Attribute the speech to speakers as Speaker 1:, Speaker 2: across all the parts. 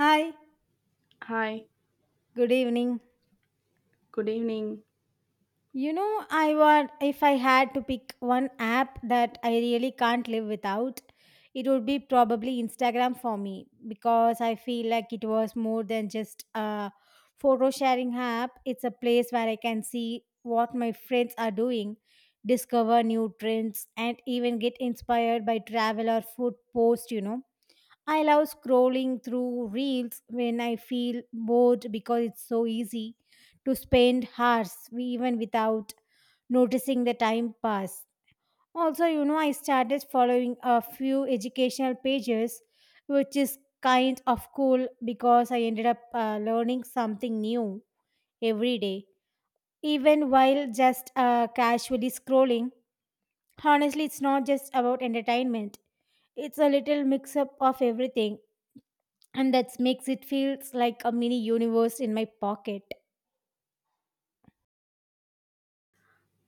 Speaker 1: Hi,
Speaker 2: Hi,
Speaker 1: good evening.
Speaker 2: good evening.
Speaker 1: You know, I want if I had to pick one app that I really can't live without, it would be probably Instagram for me because I feel like it was more than just a photo sharing app. It's a place where I can see what my friends are doing, discover new trends, and even get inspired by travel or food posts, I love scrolling through reels when I feel bored because it's so easy to spend hours even without noticing the time pass. Also, I started following a few educational pages, which is kind of cool because I ended up learning something new every day, even while just casually scrolling. Honestly, it's not just about entertainment, it's a little mix up of everything and that makes it feels like a mini universe in my pocket.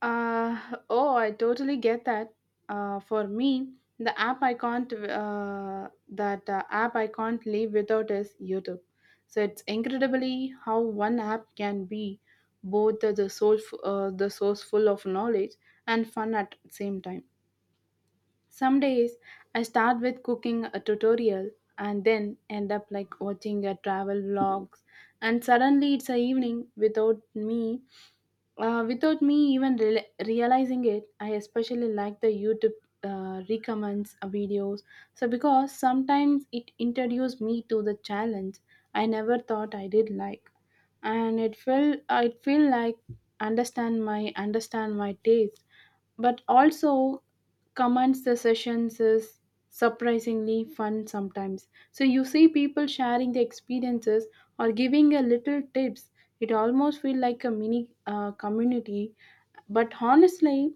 Speaker 2: Uh, oh, I totally get that. For me, the app I can't live without is YouTube. So it's incredibly how one app can be both the source full of knowledge and fun at the same time. Some days I start with cooking a tutorial and then end up like watching a travel vlogs, and suddenly it's a evening without me even realizing it. I especially like the YouTube recommends videos, so because sometimes it introduced me to the challenge I never thought I did like, and it feel like understand my taste. But also, comments the sessions is surprisingly fun sometimes, so you see people sharing the experiences or giving a little tips. It almost feel like a mini community. But honestly,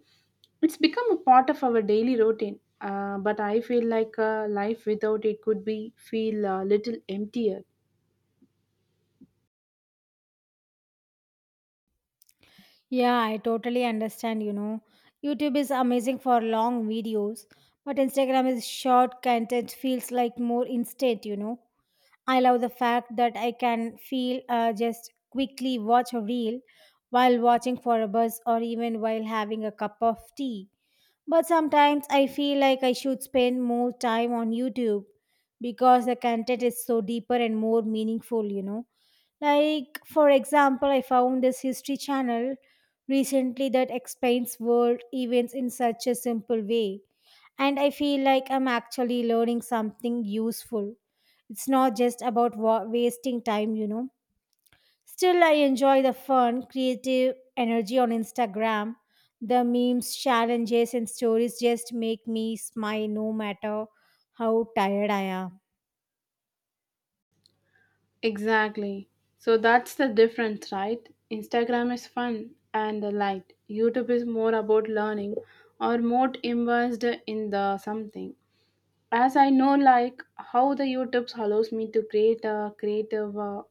Speaker 2: it's become a part of our daily routine, but I feel like life without it could be feel a little emptier.
Speaker 1: Yeah, I totally understand. YouTube is amazing for long videos, but Instagram is short content feels like more instant. I love the fact that I can feel just quickly watch a reel while watching for a bus or even while having a cup of tea. But sometimes I feel like I should spend more time on YouTube because the content is so deeper and more meaningful, Like, for example, I found this history channel recently that explains world events in such a simple way. And I feel like I'm actually learning something useful. It's not just about wasting time. Still, I enjoy the fun, creative energy on Instagram. The memes, challenges, and stories just make me smile no matter how tired I am.
Speaker 2: Exactly. So that's the difference, right? Instagram is fun and the light. YouTube is more about learning or more immersed in the something. As I know, like how the YouTube allows me to create a creative, uh,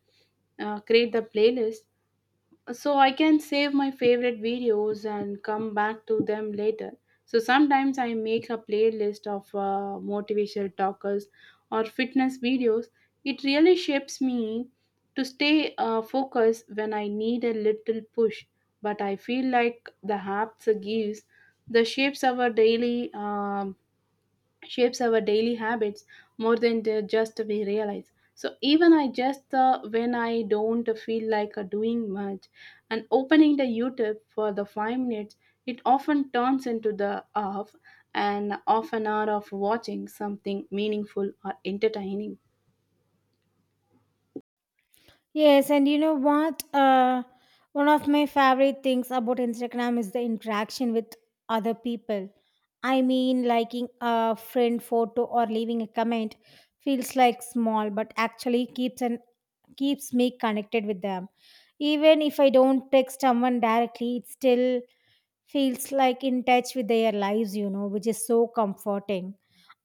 Speaker 2: uh, create the playlist, so I can save my favorite videos and come back to them later. So sometimes I make a playlist of motivational talkers or fitness videos. It really shapes me to stay focused when I need a little push. But I feel like the apps gives the shapes our daily habits more than just we realize. So even I just when I don't feel like doing much and opening the youtube for the 5 minutes, it often turns into the half and half an hour of watching something meaningful or entertaining.
Speaker 1: Yes, and you know what? One of my favorite things about Instagram is the interaction with other people. I mean, liking a friend photo or leaving a comment feels like small, but actually keeps me connected with them. Even if I don't text someone directly, it still feels like in touch with their lives, which is so comforting.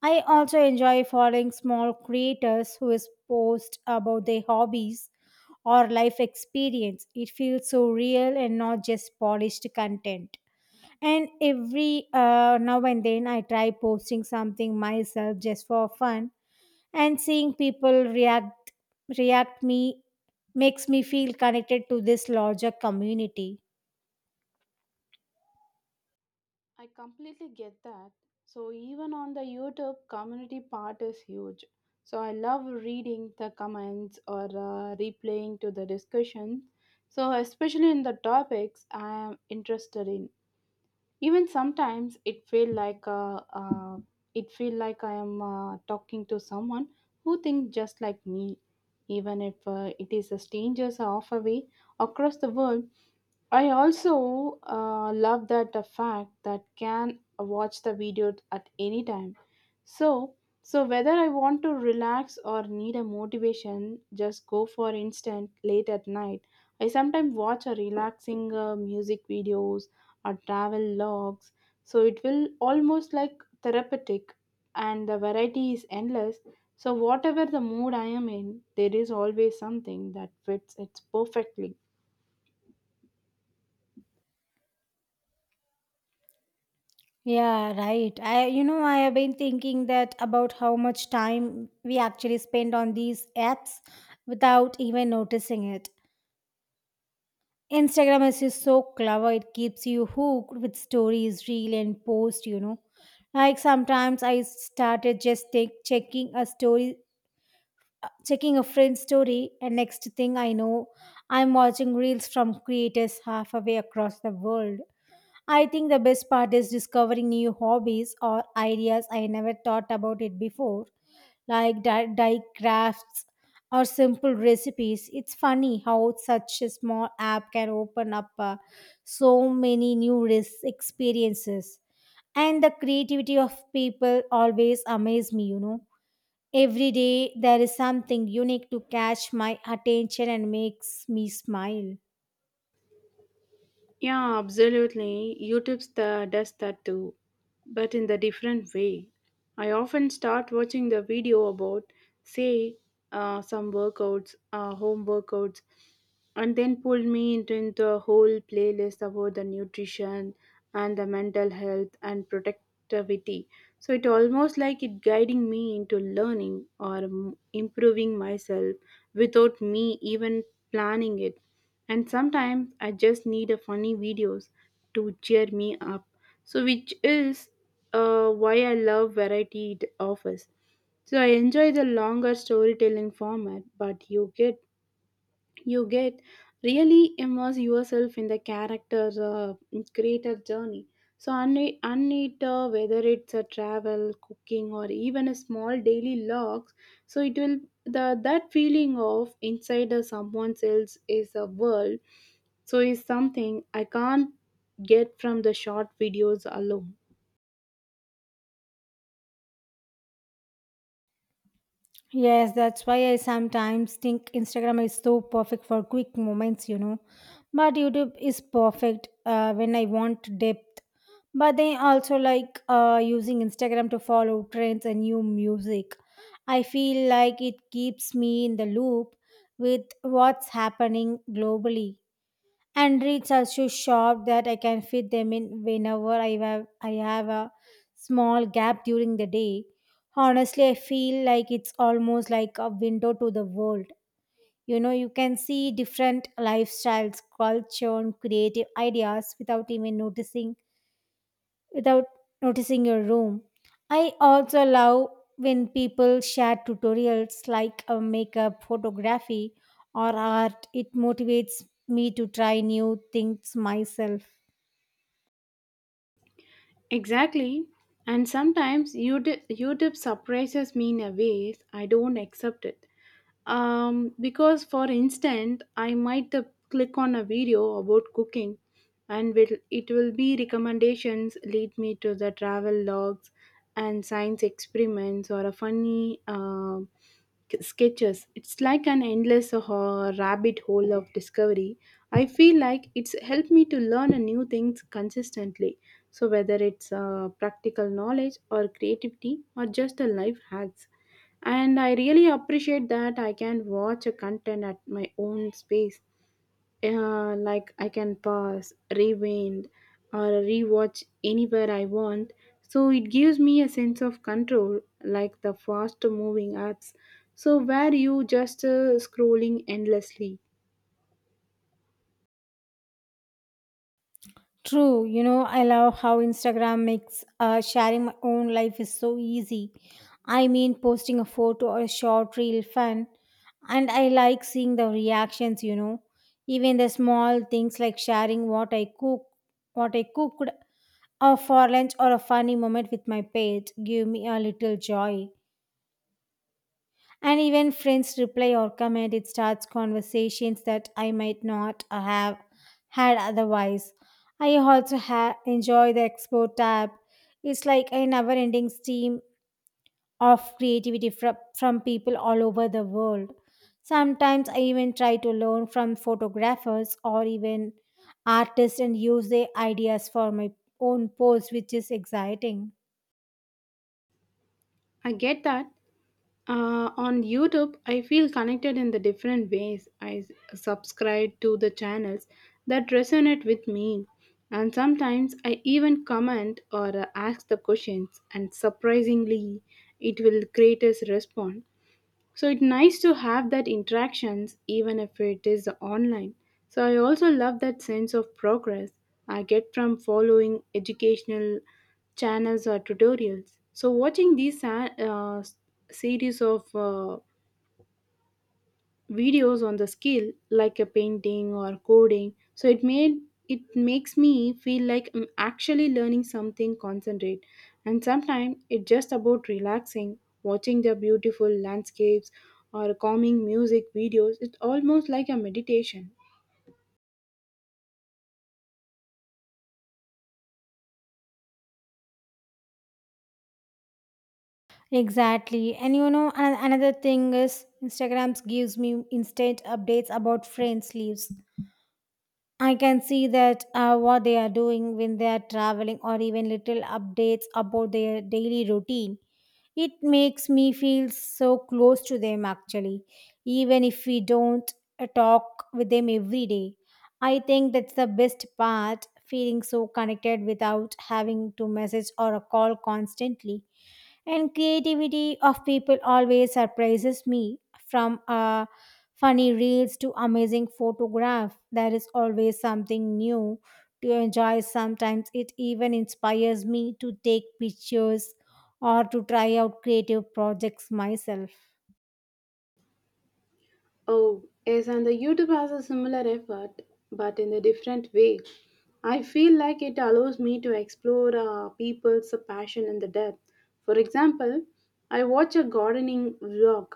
Speaker 1: I also enjoy following small creators who is post about their hobbies or life experience. It feels so real and not just polished content. And every now and then I try posting something myself just for fun and seeing people react me makes me feel connected to this larger community.
Speaker 2: I completely get that. So even on the YouTube, community part is huge. So I love reading the comments or replaying to the discussion. So especially in the topics I am interested in. Even sometimes it feel like I am talking to someone who thinks just like me. Even if it is a strangers are off away across the world, I also love that the fact that can watch the video at any time. So, so whether I want to relax or need a motivation, just go for instant late at night. I sometimes watch a relaxing music videos or travel logs. So it will almost like therapeutic, and the variety is endless. So whatever the mood I am in, there is always something that fits it perfectly.
Speaker 1: Yeah, right. I have been thinking that about how much time we actually spend on these apps without even noticing it. Instagram is just so clever, it keeps you hooked with stories, reel, and post. Like sometimes I started checking a checking a friend's story, and next thing I know, I'm watching reels from creators halfway across the world. I think the best part is discovering new hobbies or ideas I never thought about it before, like dye crafts or simple recipes. It's funny how such a small app can open up so many experiences. And the creativity of people always amaze me. Every day there is something unique to catch my attention and makes me smile.
Speaker 2: Yeah, absolutely. YouTube's does that too, but in the different way. I often start watching the video about, say, home workouts, and then pull me into a whole playlist about the nutrition and the mental health and productivity. So it almost like it guiding me into learning or improving myself without me even planning it. And sometimes I just need a funny videos to cheer me up. So which is why I love variety it offers. So I enjoy the longer storytelling format, but you get really immerse yourself in the character's creator journey, so unne- unneat whether it's a travel cooking or even a small daily logs. So it will the that feeling of inside of someone else is a world, so is something I can't get from the short videos alone.
Speaker 1: Yes, that's why I sometimes think Instagram is so perfect for quick moments, But YouTube is perfect when I want depth. But they also like using Instagram to follow trends and new music. I feel like it keeps me in the loop with what's happening globally and reeds are so sharp that I can fit them in whenever I have a small gap during the day. Honestly, I feel like it's almost like a window to the world. You know, you can see different lifestyles, culture, and creative ideas without even noticing without noticing your room. I also love when people share tutorials like makeup, photography, or art. It motivates me to try new things myself.
Speaker 2: Exactly. And sometimes YouTube surprises me in a ways I don't accept it. Because for instance, I might click on a video about cooking, and it will be recommendations lead me to the travel logs and science experiments or a funny sketches. It's like an endless rabbit hole of discovery. I feel like it's helped me to learn a new things consistently. So whether it's practical knowledge or creativity or just a life hacks. And I really appreciate that I can watch a content at my own space, like I can pause, rewind, or rewatch anywhere I want. So it gives me a sense of control, like the fast moving apps. So where you just scrolling endlessly.
Speaker 1: True, you know, I love how Instagram makes sharing my own life is so easy. I mean, posting a photo or a short reel fun, and I like seeing the reactions, you know, even the small things like sharing what I cook, what I cooked, or for lunch or a funny moment with my pet give me a little joy. And even friends reply or comment, it starts conversations that I might not have had otherwise. I also enjoy the explore tab. It's like a never ending stream of creativity from people all over the world. Sometimes I even try to learn from photographers or even artists and use their ideas for my own posts, which is exciting.
Speaker 2: I get that. On YouTube, I feel connected in the different ways. I subscribe to the channels that resonate with me, and sometimes I even comment or ask the questions. And surprisingly, it will create a response, so it's nice to have that interactions even if it is online. So I also love that sense of progress I get from following educational channels or tutorials. So watching these series of videos on the skill like a painting or coding, so it makes me feel like I'm actually learning something concentrate. And sometimes it's just about relaxing, watching the beautiful landscapes or calming music videos. It's almost like a meditation.
Speaker 1: Exactly. And you know, another thing is Instagrams gives me instant updates about friends' lives. I can see that what they are doing when they are traveling or even little updates about their daily routine. It makes me feel so close to them actually, even if we don't talk with them every day. I think that's the best part, feeling so connected without having to message or a call constantly. And creativity of people always surprises me from funny reels to amazing photograph, there is always something new to enjoy. Sometimes it even inspires me to take pictures or to try out creative projects myself.
Speaker 2: Oh, yes, and the YouTube has a similar effort, but in a different way. I feel like it allows me to explore people's passion and the depth. For example, I watch a gardening vlog,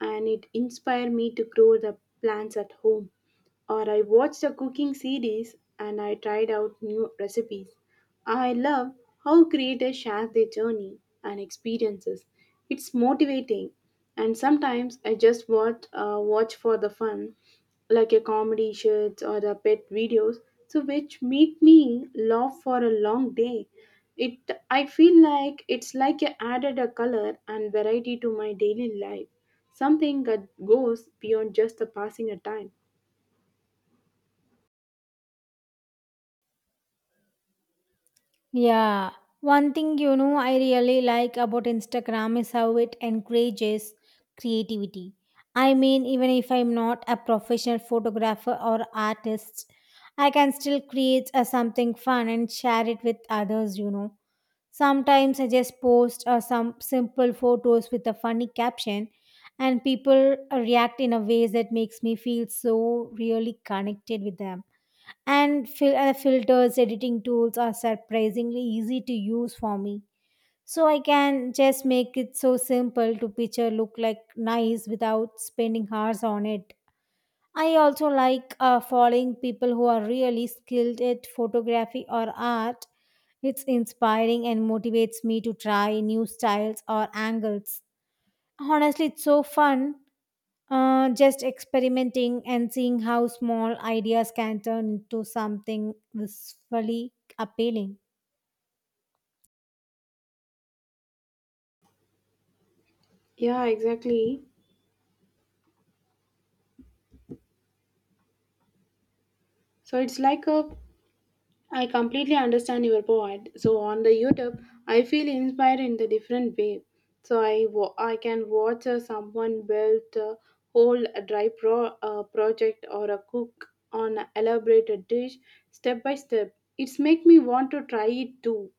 Speaker 2: and it inspired me to grow the plants at home. Or I watched a cooking series, and I tried out new recipes. I love how creators share their journey and experiences. It's motivating, and sometimes I just watch for the fun, like a comedy shirts or the pet videos, so which make me laugh for a long day. It I feel like it's like I added a color and variety to my daily life, something that goes beyond just the passing of time.
Speaker 1: Yeah, one thing, you know, I really like about Instagram is how it encourages creativity. I mean, even if I'm not a professional photographer or artist, I can still create a something fun and share it with others, you know. Sometimes I just post some simple photos with a funny caption and people react in a ways that makes me feel so really connected with them. And filters editing tools are surprisingly easy to use for me, so I can just make it so simple to picture look like nice without spending hours on it. I also like following people who are really skilled at photography or art. It's inspiring and motivates me to try new styles or angles. Honestly, it's so fun, just experimenting and seeing how small ideas can turn into something visually appealing.
Speaker 2: Yeah, exactly. So it's like a I completely understand your point. So on the YouTube, I feel inspired in the different way. So I can watch someone build a whole dry pro project or a cook on a elaborate dish step by step. It's make me want to try it too.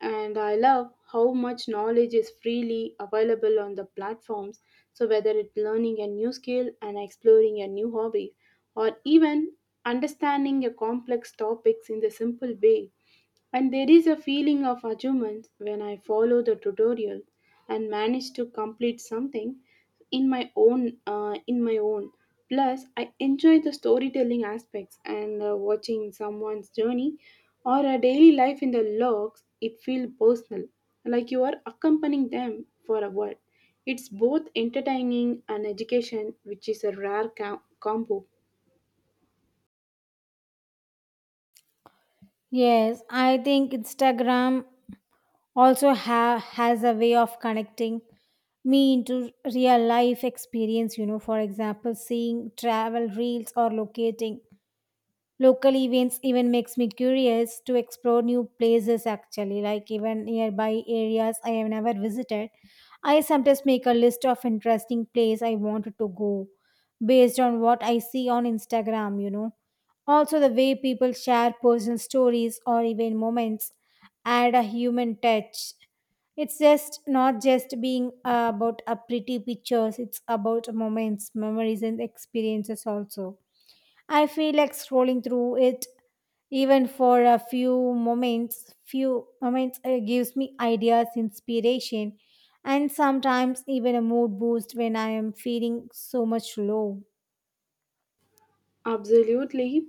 Speaker 2: And I love how much knowledge is freely available on the platforms. So, whether it's learning a new skill and exploring a new hobby, or even understanding a complex topics in the simple way. And there is a feeling of achievement when I follow the tutorial and manage to complete something in my own. Plus, I enjoy the storytelling aspects and watching someone's journey or a daily life in the logs. It feels personal, like you are accompanying them for a while. It's both entertaining and education, which is a rare combo.
Speaker 1: Yes, I think Instagram also has a way of connecting me into real life experience, you know. For example, seeing travel reels or locating local events even makes me curious to explore new places actually, like even nearby areas I have never visited. I sometimes make a list of interesting place I wanted to go based on what I see on Instagram, you know. Also the way people share personal stories or even moments add a human touch. It's just not just being about a pretty pictures, it's about moments, memories and experiences also. I feel like scrolling through it even for a few moments. Few moments gives me ideas, inspiration, and sometimes even a mood boost when I am feeling so much low.
Speaker 2: Absolutely.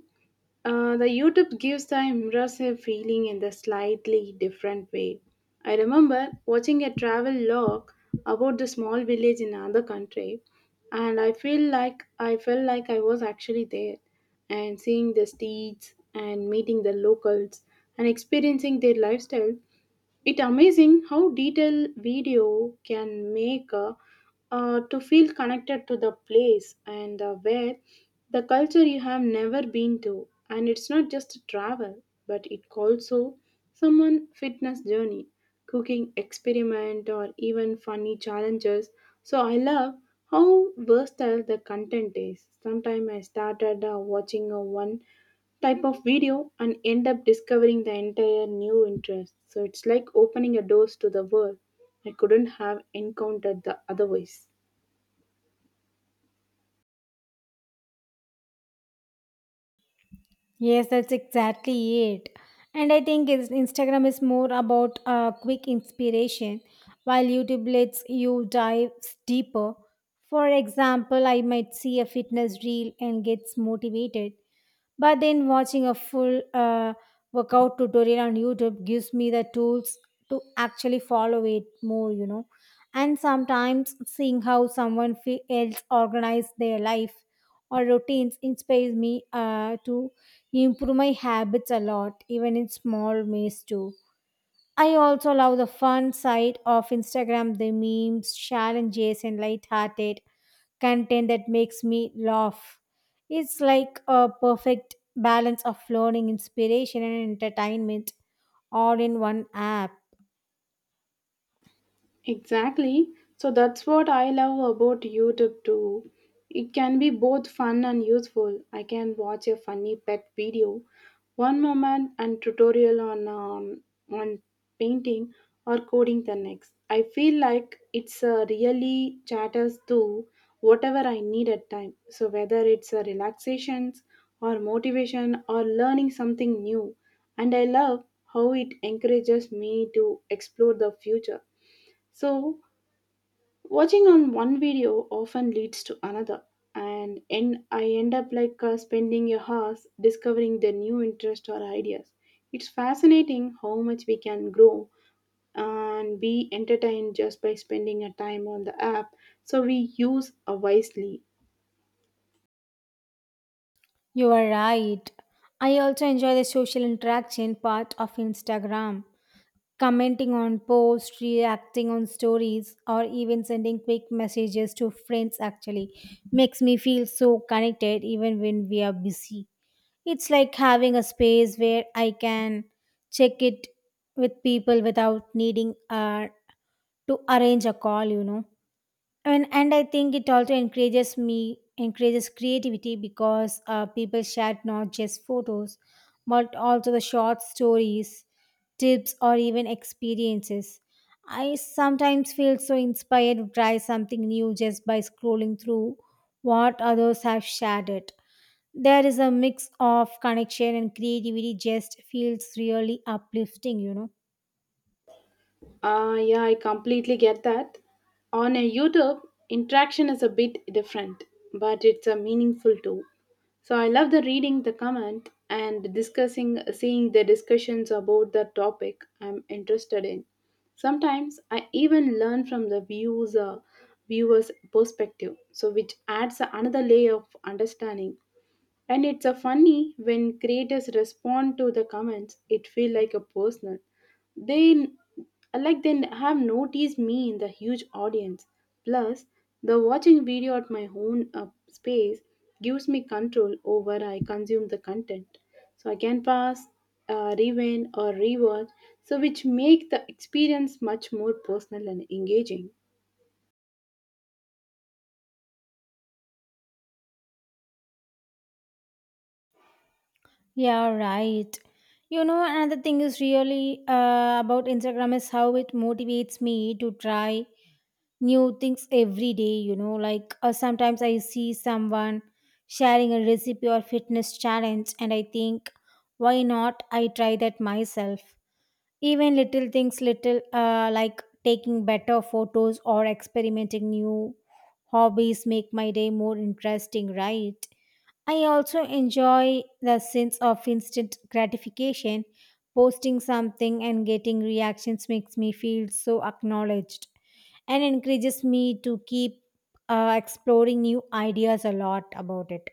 Speaker 2: The YouTube gives the immersive feeling in the slightly different way. I remember watching a travel log about the small village in another country, and I felt like I was actually there, and seeing the streets and meeting the locals and experiencing their lifestyle. It's amazing how detailed video can make to feel connected to the place and where the culture you have never been to. And it's not just travel, but it also someone fitness journey, cooking experiment, or even funny challenges. So I love how versatile the content is. Sometimes I started watching one type of video and end up discovering the entire new interest. So it's like opening a doors to the world I couldn't have encountered the otherwise.
Speaker 1: Yes, that's exactly it. And I think Instagram is more about quick inspiration, while YouTube lets you dive deeper. For example, I might see a fitness reel and gets motivated, but then watching a full workout tutorial on YouTube gives me the tools to actually follow it more, you know. And sometimes seeing how someone else organize their life or routines inspires me to improve my habits a lot, even in small ways too. I also love the fun side of Instagram, the memes, challenges, and light-hearted content that makes me laugh. It's like a perfect balance of learning, inspiration, and entertainment all in one app.
Speaker 2: Exactly. So that's what I love about YouTube too. It can be both fun and useful. I can watch a funny pet video, one moment, and tutorial on painting or coding the next. I feel like it's really chatters to whatever I need at time. So whether it's a relaxations or motivation or learning something new. And I love how it encourages me to explore the future, so watching on one video often leads to another, and I end up like spending a hours discovering the new interest or ideas. It's fascinating how much we can grow and be entertained just by spending a time on the app. So we use wisely.
Speaker 1: You are right. I also enjoy the social interaction part of Instagram, commenting on posts, reacting on stories, or even sending quick messages to friends actually makes me feel so connected even when we are busy. It's like having a space where I can check it with people without needing to arrange a call, you know. And I think it also encourages creativity because people shared not just photos but also the short stories, tips or even experiences. I sometimes feel so inspired to try something new just by scrolling through what others have shared it. There is a mix of connection and creativity just feels really uplifting, you know.
Speaker 2: Yeah, I completely get that. On a YouTube, interaction is a bit different, but it's a meaningful too. So I love the reading the comment and discussing, seeing the discussions about the topic I'm interested in. Sometimes I even learn from the viewers' perspective, so which adds another layer of understanding. And it's a funny when creators respond to the comments, it feel like a personal. They like they have noticed me in the huge audience. Plus, the watching video at my own space gives me control over I consume the content. So I can pause, rewind, or rewatch. So which make the experience much more personal and engaging.
Speaker 1: Yeah, right. You know, another thing is really about Instagram is how it motivates me to try new things every day. You know, like sometimes I see someone sharing a recipe or fitness challenge, and I think, why not? I try that myself. Even little things, little like taking better photos or experimenting new hobbies, make my day more interesting, right? I also enjoy the sense of instant gratification. Posting something and getting reactions makes me feel so acknowledged and encourages me to keep exploring new ideas a lot about it.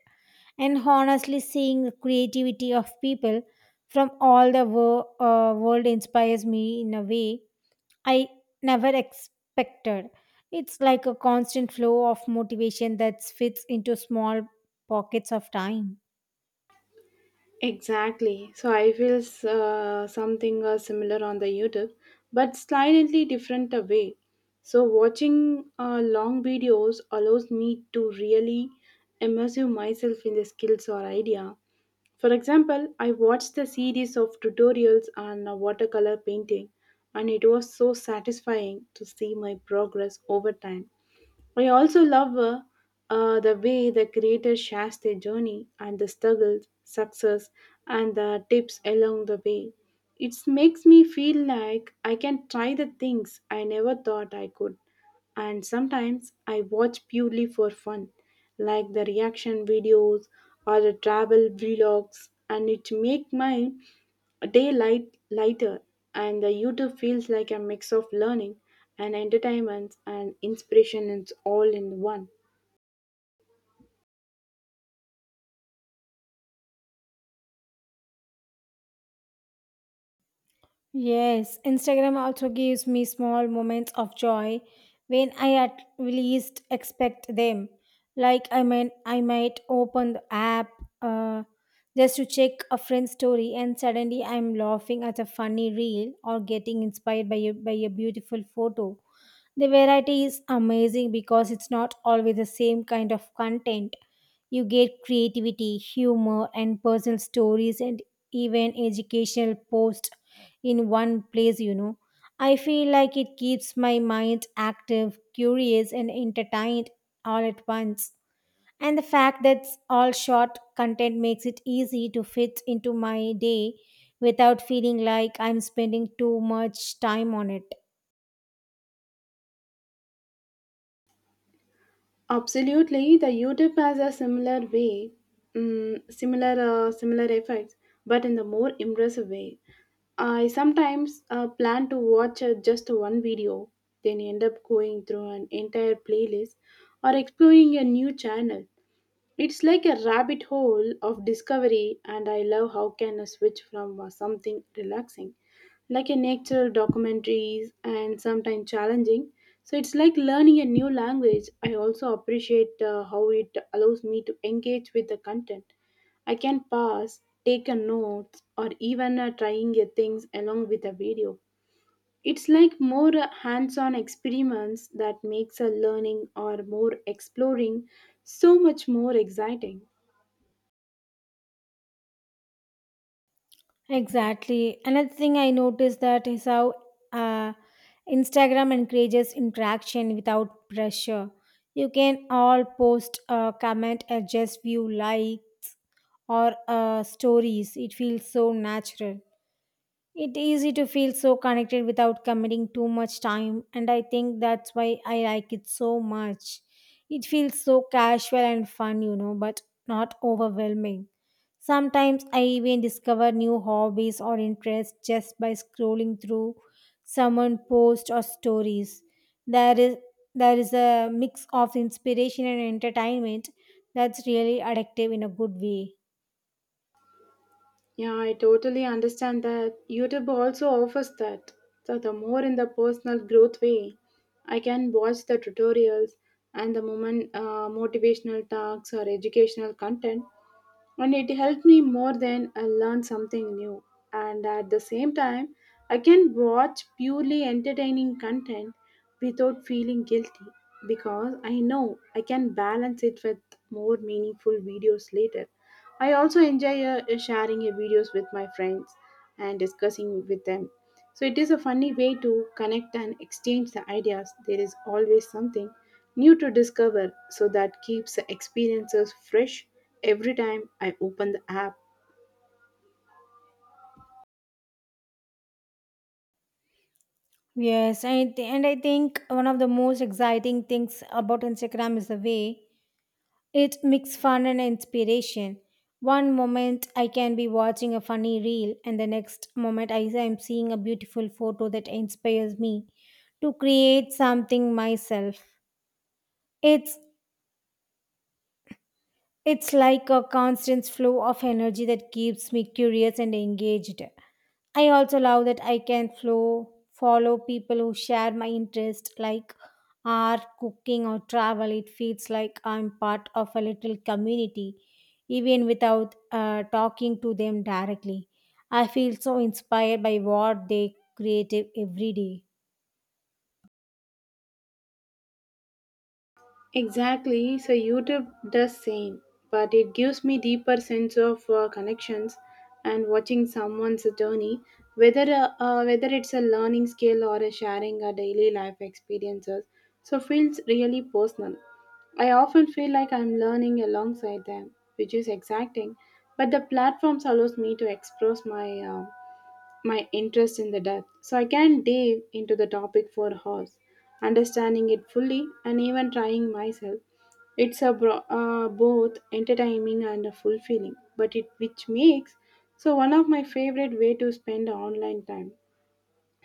Speaker 1: And honestly, seeing the creativity of people from all the world inspires me in a way I never expected. It's like a constant flow of motivation that fits into small pockets of time.
Speaker 2: Exactly. So I feel something similar on the YouTube, but slightly different a way. So watching long videos allows me to really immerse myself in the skills or idea. For example, I watched a series of tutorials on watercolor painting, and it was so satisfying to see my progress over time. I also love the way the creator shares their journey and the struggles, success, and the tips along the way. It makes me feel like I can try the things I never thought I could. And sometimes I watch purely for fun, like the reaction videos or the travel vlogs, and it make my a day light, lighter, and the YouTube feels like a mix of learning and entertainment and inspiration. It's all in one.
Speaker 1: Yes, Instagram also gives me small moments of joy when I at least expect them. Like I mean, I might open the app uh, just to check a friend's story, and suddenly I'm laughing at a funny reel or getting inspired by a beautiful photo. The variety is amazing because it's not always the same kind of content. You get creativity, humor, and personal stories, and even educational posts in one place, you know. I feel like it keeps my mind active, curious, and entertained all at once. And the fact that it's all short content makes it easy to fit into my day without feeling like I'm spending too much time on it.
Speaker 2: Absolutely, the YouTube has a similar way, similar effects, but in the more impressive way. I sometimes plan to watch just one video, then end up going through an entire playlist or exploring a new channel. It's like a rabbit hole of discovery, and I love how can I switch from something relaxing, like a natural documentaries, and sometimes challenging. So it's like learning a new language. I also appreciate how it allows me to engage with the content. I can pause, take a note, or even trying things along with a video. It's like more hands-on experiments that makes a learning or more exploring so much more exciting.
Speaker 1: Exactly. Another thing I noticed that is how uh, Instagram encourages interaction without pressure. You can all comment, adjust view likes or stories. It feels so natural. It's easy to feel so connected without committing too much time, and I think that's why I like it so much. It feels so casual and fun, you know, but not overwhelming. Sometimes I even discover new hobbies or interests just by scrolling through someone post or stories. There is there is a mix of inspiration and entertainment that's really addictive in a good way.
Speaker 2: Yeah, I totally understand that. YouTube also offers that. So the more in the personal growth way, I can watch the tutorials and the moment motivational talks or educational content and it helped me more than I learned something new. And at the same time, I can watch purely entertaining content without feeling guilty because I know I can balance it with more meaningful videos later. I also enjoy sharing videos with my friends and discussing with them so it is a funny way to connect and exchange the ideas. There is always something new to discover, so that keeps the experiences fresh every time I open the app.
Speaker 1: Yes, and I think one of the most exciting things about Instagram is the way it mix fun and inspiration. One moment I can be watching a funny reel, and the next moment I am seeing a beautiful photo that inspires me to create something myself. It's It's like a constant flow of energy that keeps me curious and engaged. I also love that I can follow people who share my interest, like art, cooking, or travel. It feels like I'm part of a little community, even without talking to them directly. I feel so inspired by what they create every day.
Speaker 2: Exactly. So YouTube does same, but it gives me deeper sense of connections and watching someone's journey, whether it's a learning skill or a sharing a daily life experiences. So feels really personal. I often feel like I'm learning alongside them, which is exciting. But the platforms allows me to express my interest in the death. So I can dive into the topic for hours, understanding it fully and even trying myself. Both entertaining and fulfilling, but it which makes so one of my favorite way to spend online time.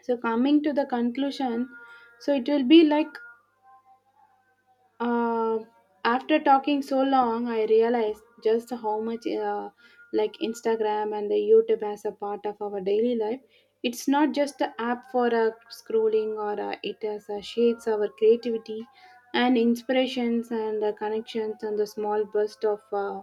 Speaker 2: So coming to the conclusion, so it will be like um, after talking so long, I realized just how much like Instagram and the YouTube as a part of our daily life. It's not just an app for scrolling, or it has shapes our creativity and inspirations and connections and the small burst of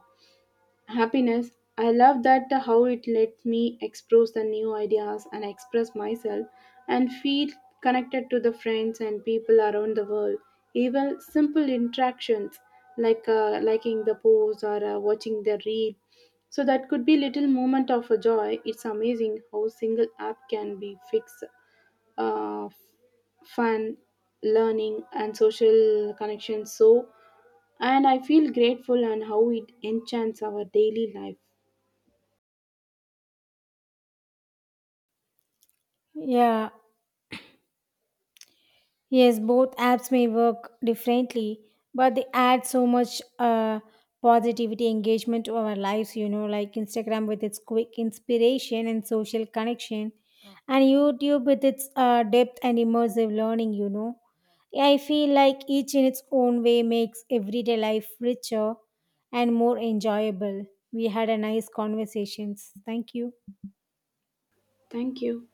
Speaker 2: happiness. I love that how it lets me express the new ideas and express myself and feel connected to the friends and people around the world. Even simple interactions like liking the post or watching the reel. So that could be little moment of a joy. It's amazing how single app can be fix uh, f- fun, learning and social connections so and I feel grateful and how it enchants our daily life.
Speaker 1: Yeah, Yes, both apps may work differently, but they add so much positivity engagement to our lives, you know, like Instagram with its quick inspiration and social connection, and YouTube with its depth and immersive learning, you know. I feel like each in its own way makes everyday life richer and more enjoyable. We had a nice conversations. Thank you.
Speaker 2: Thank you.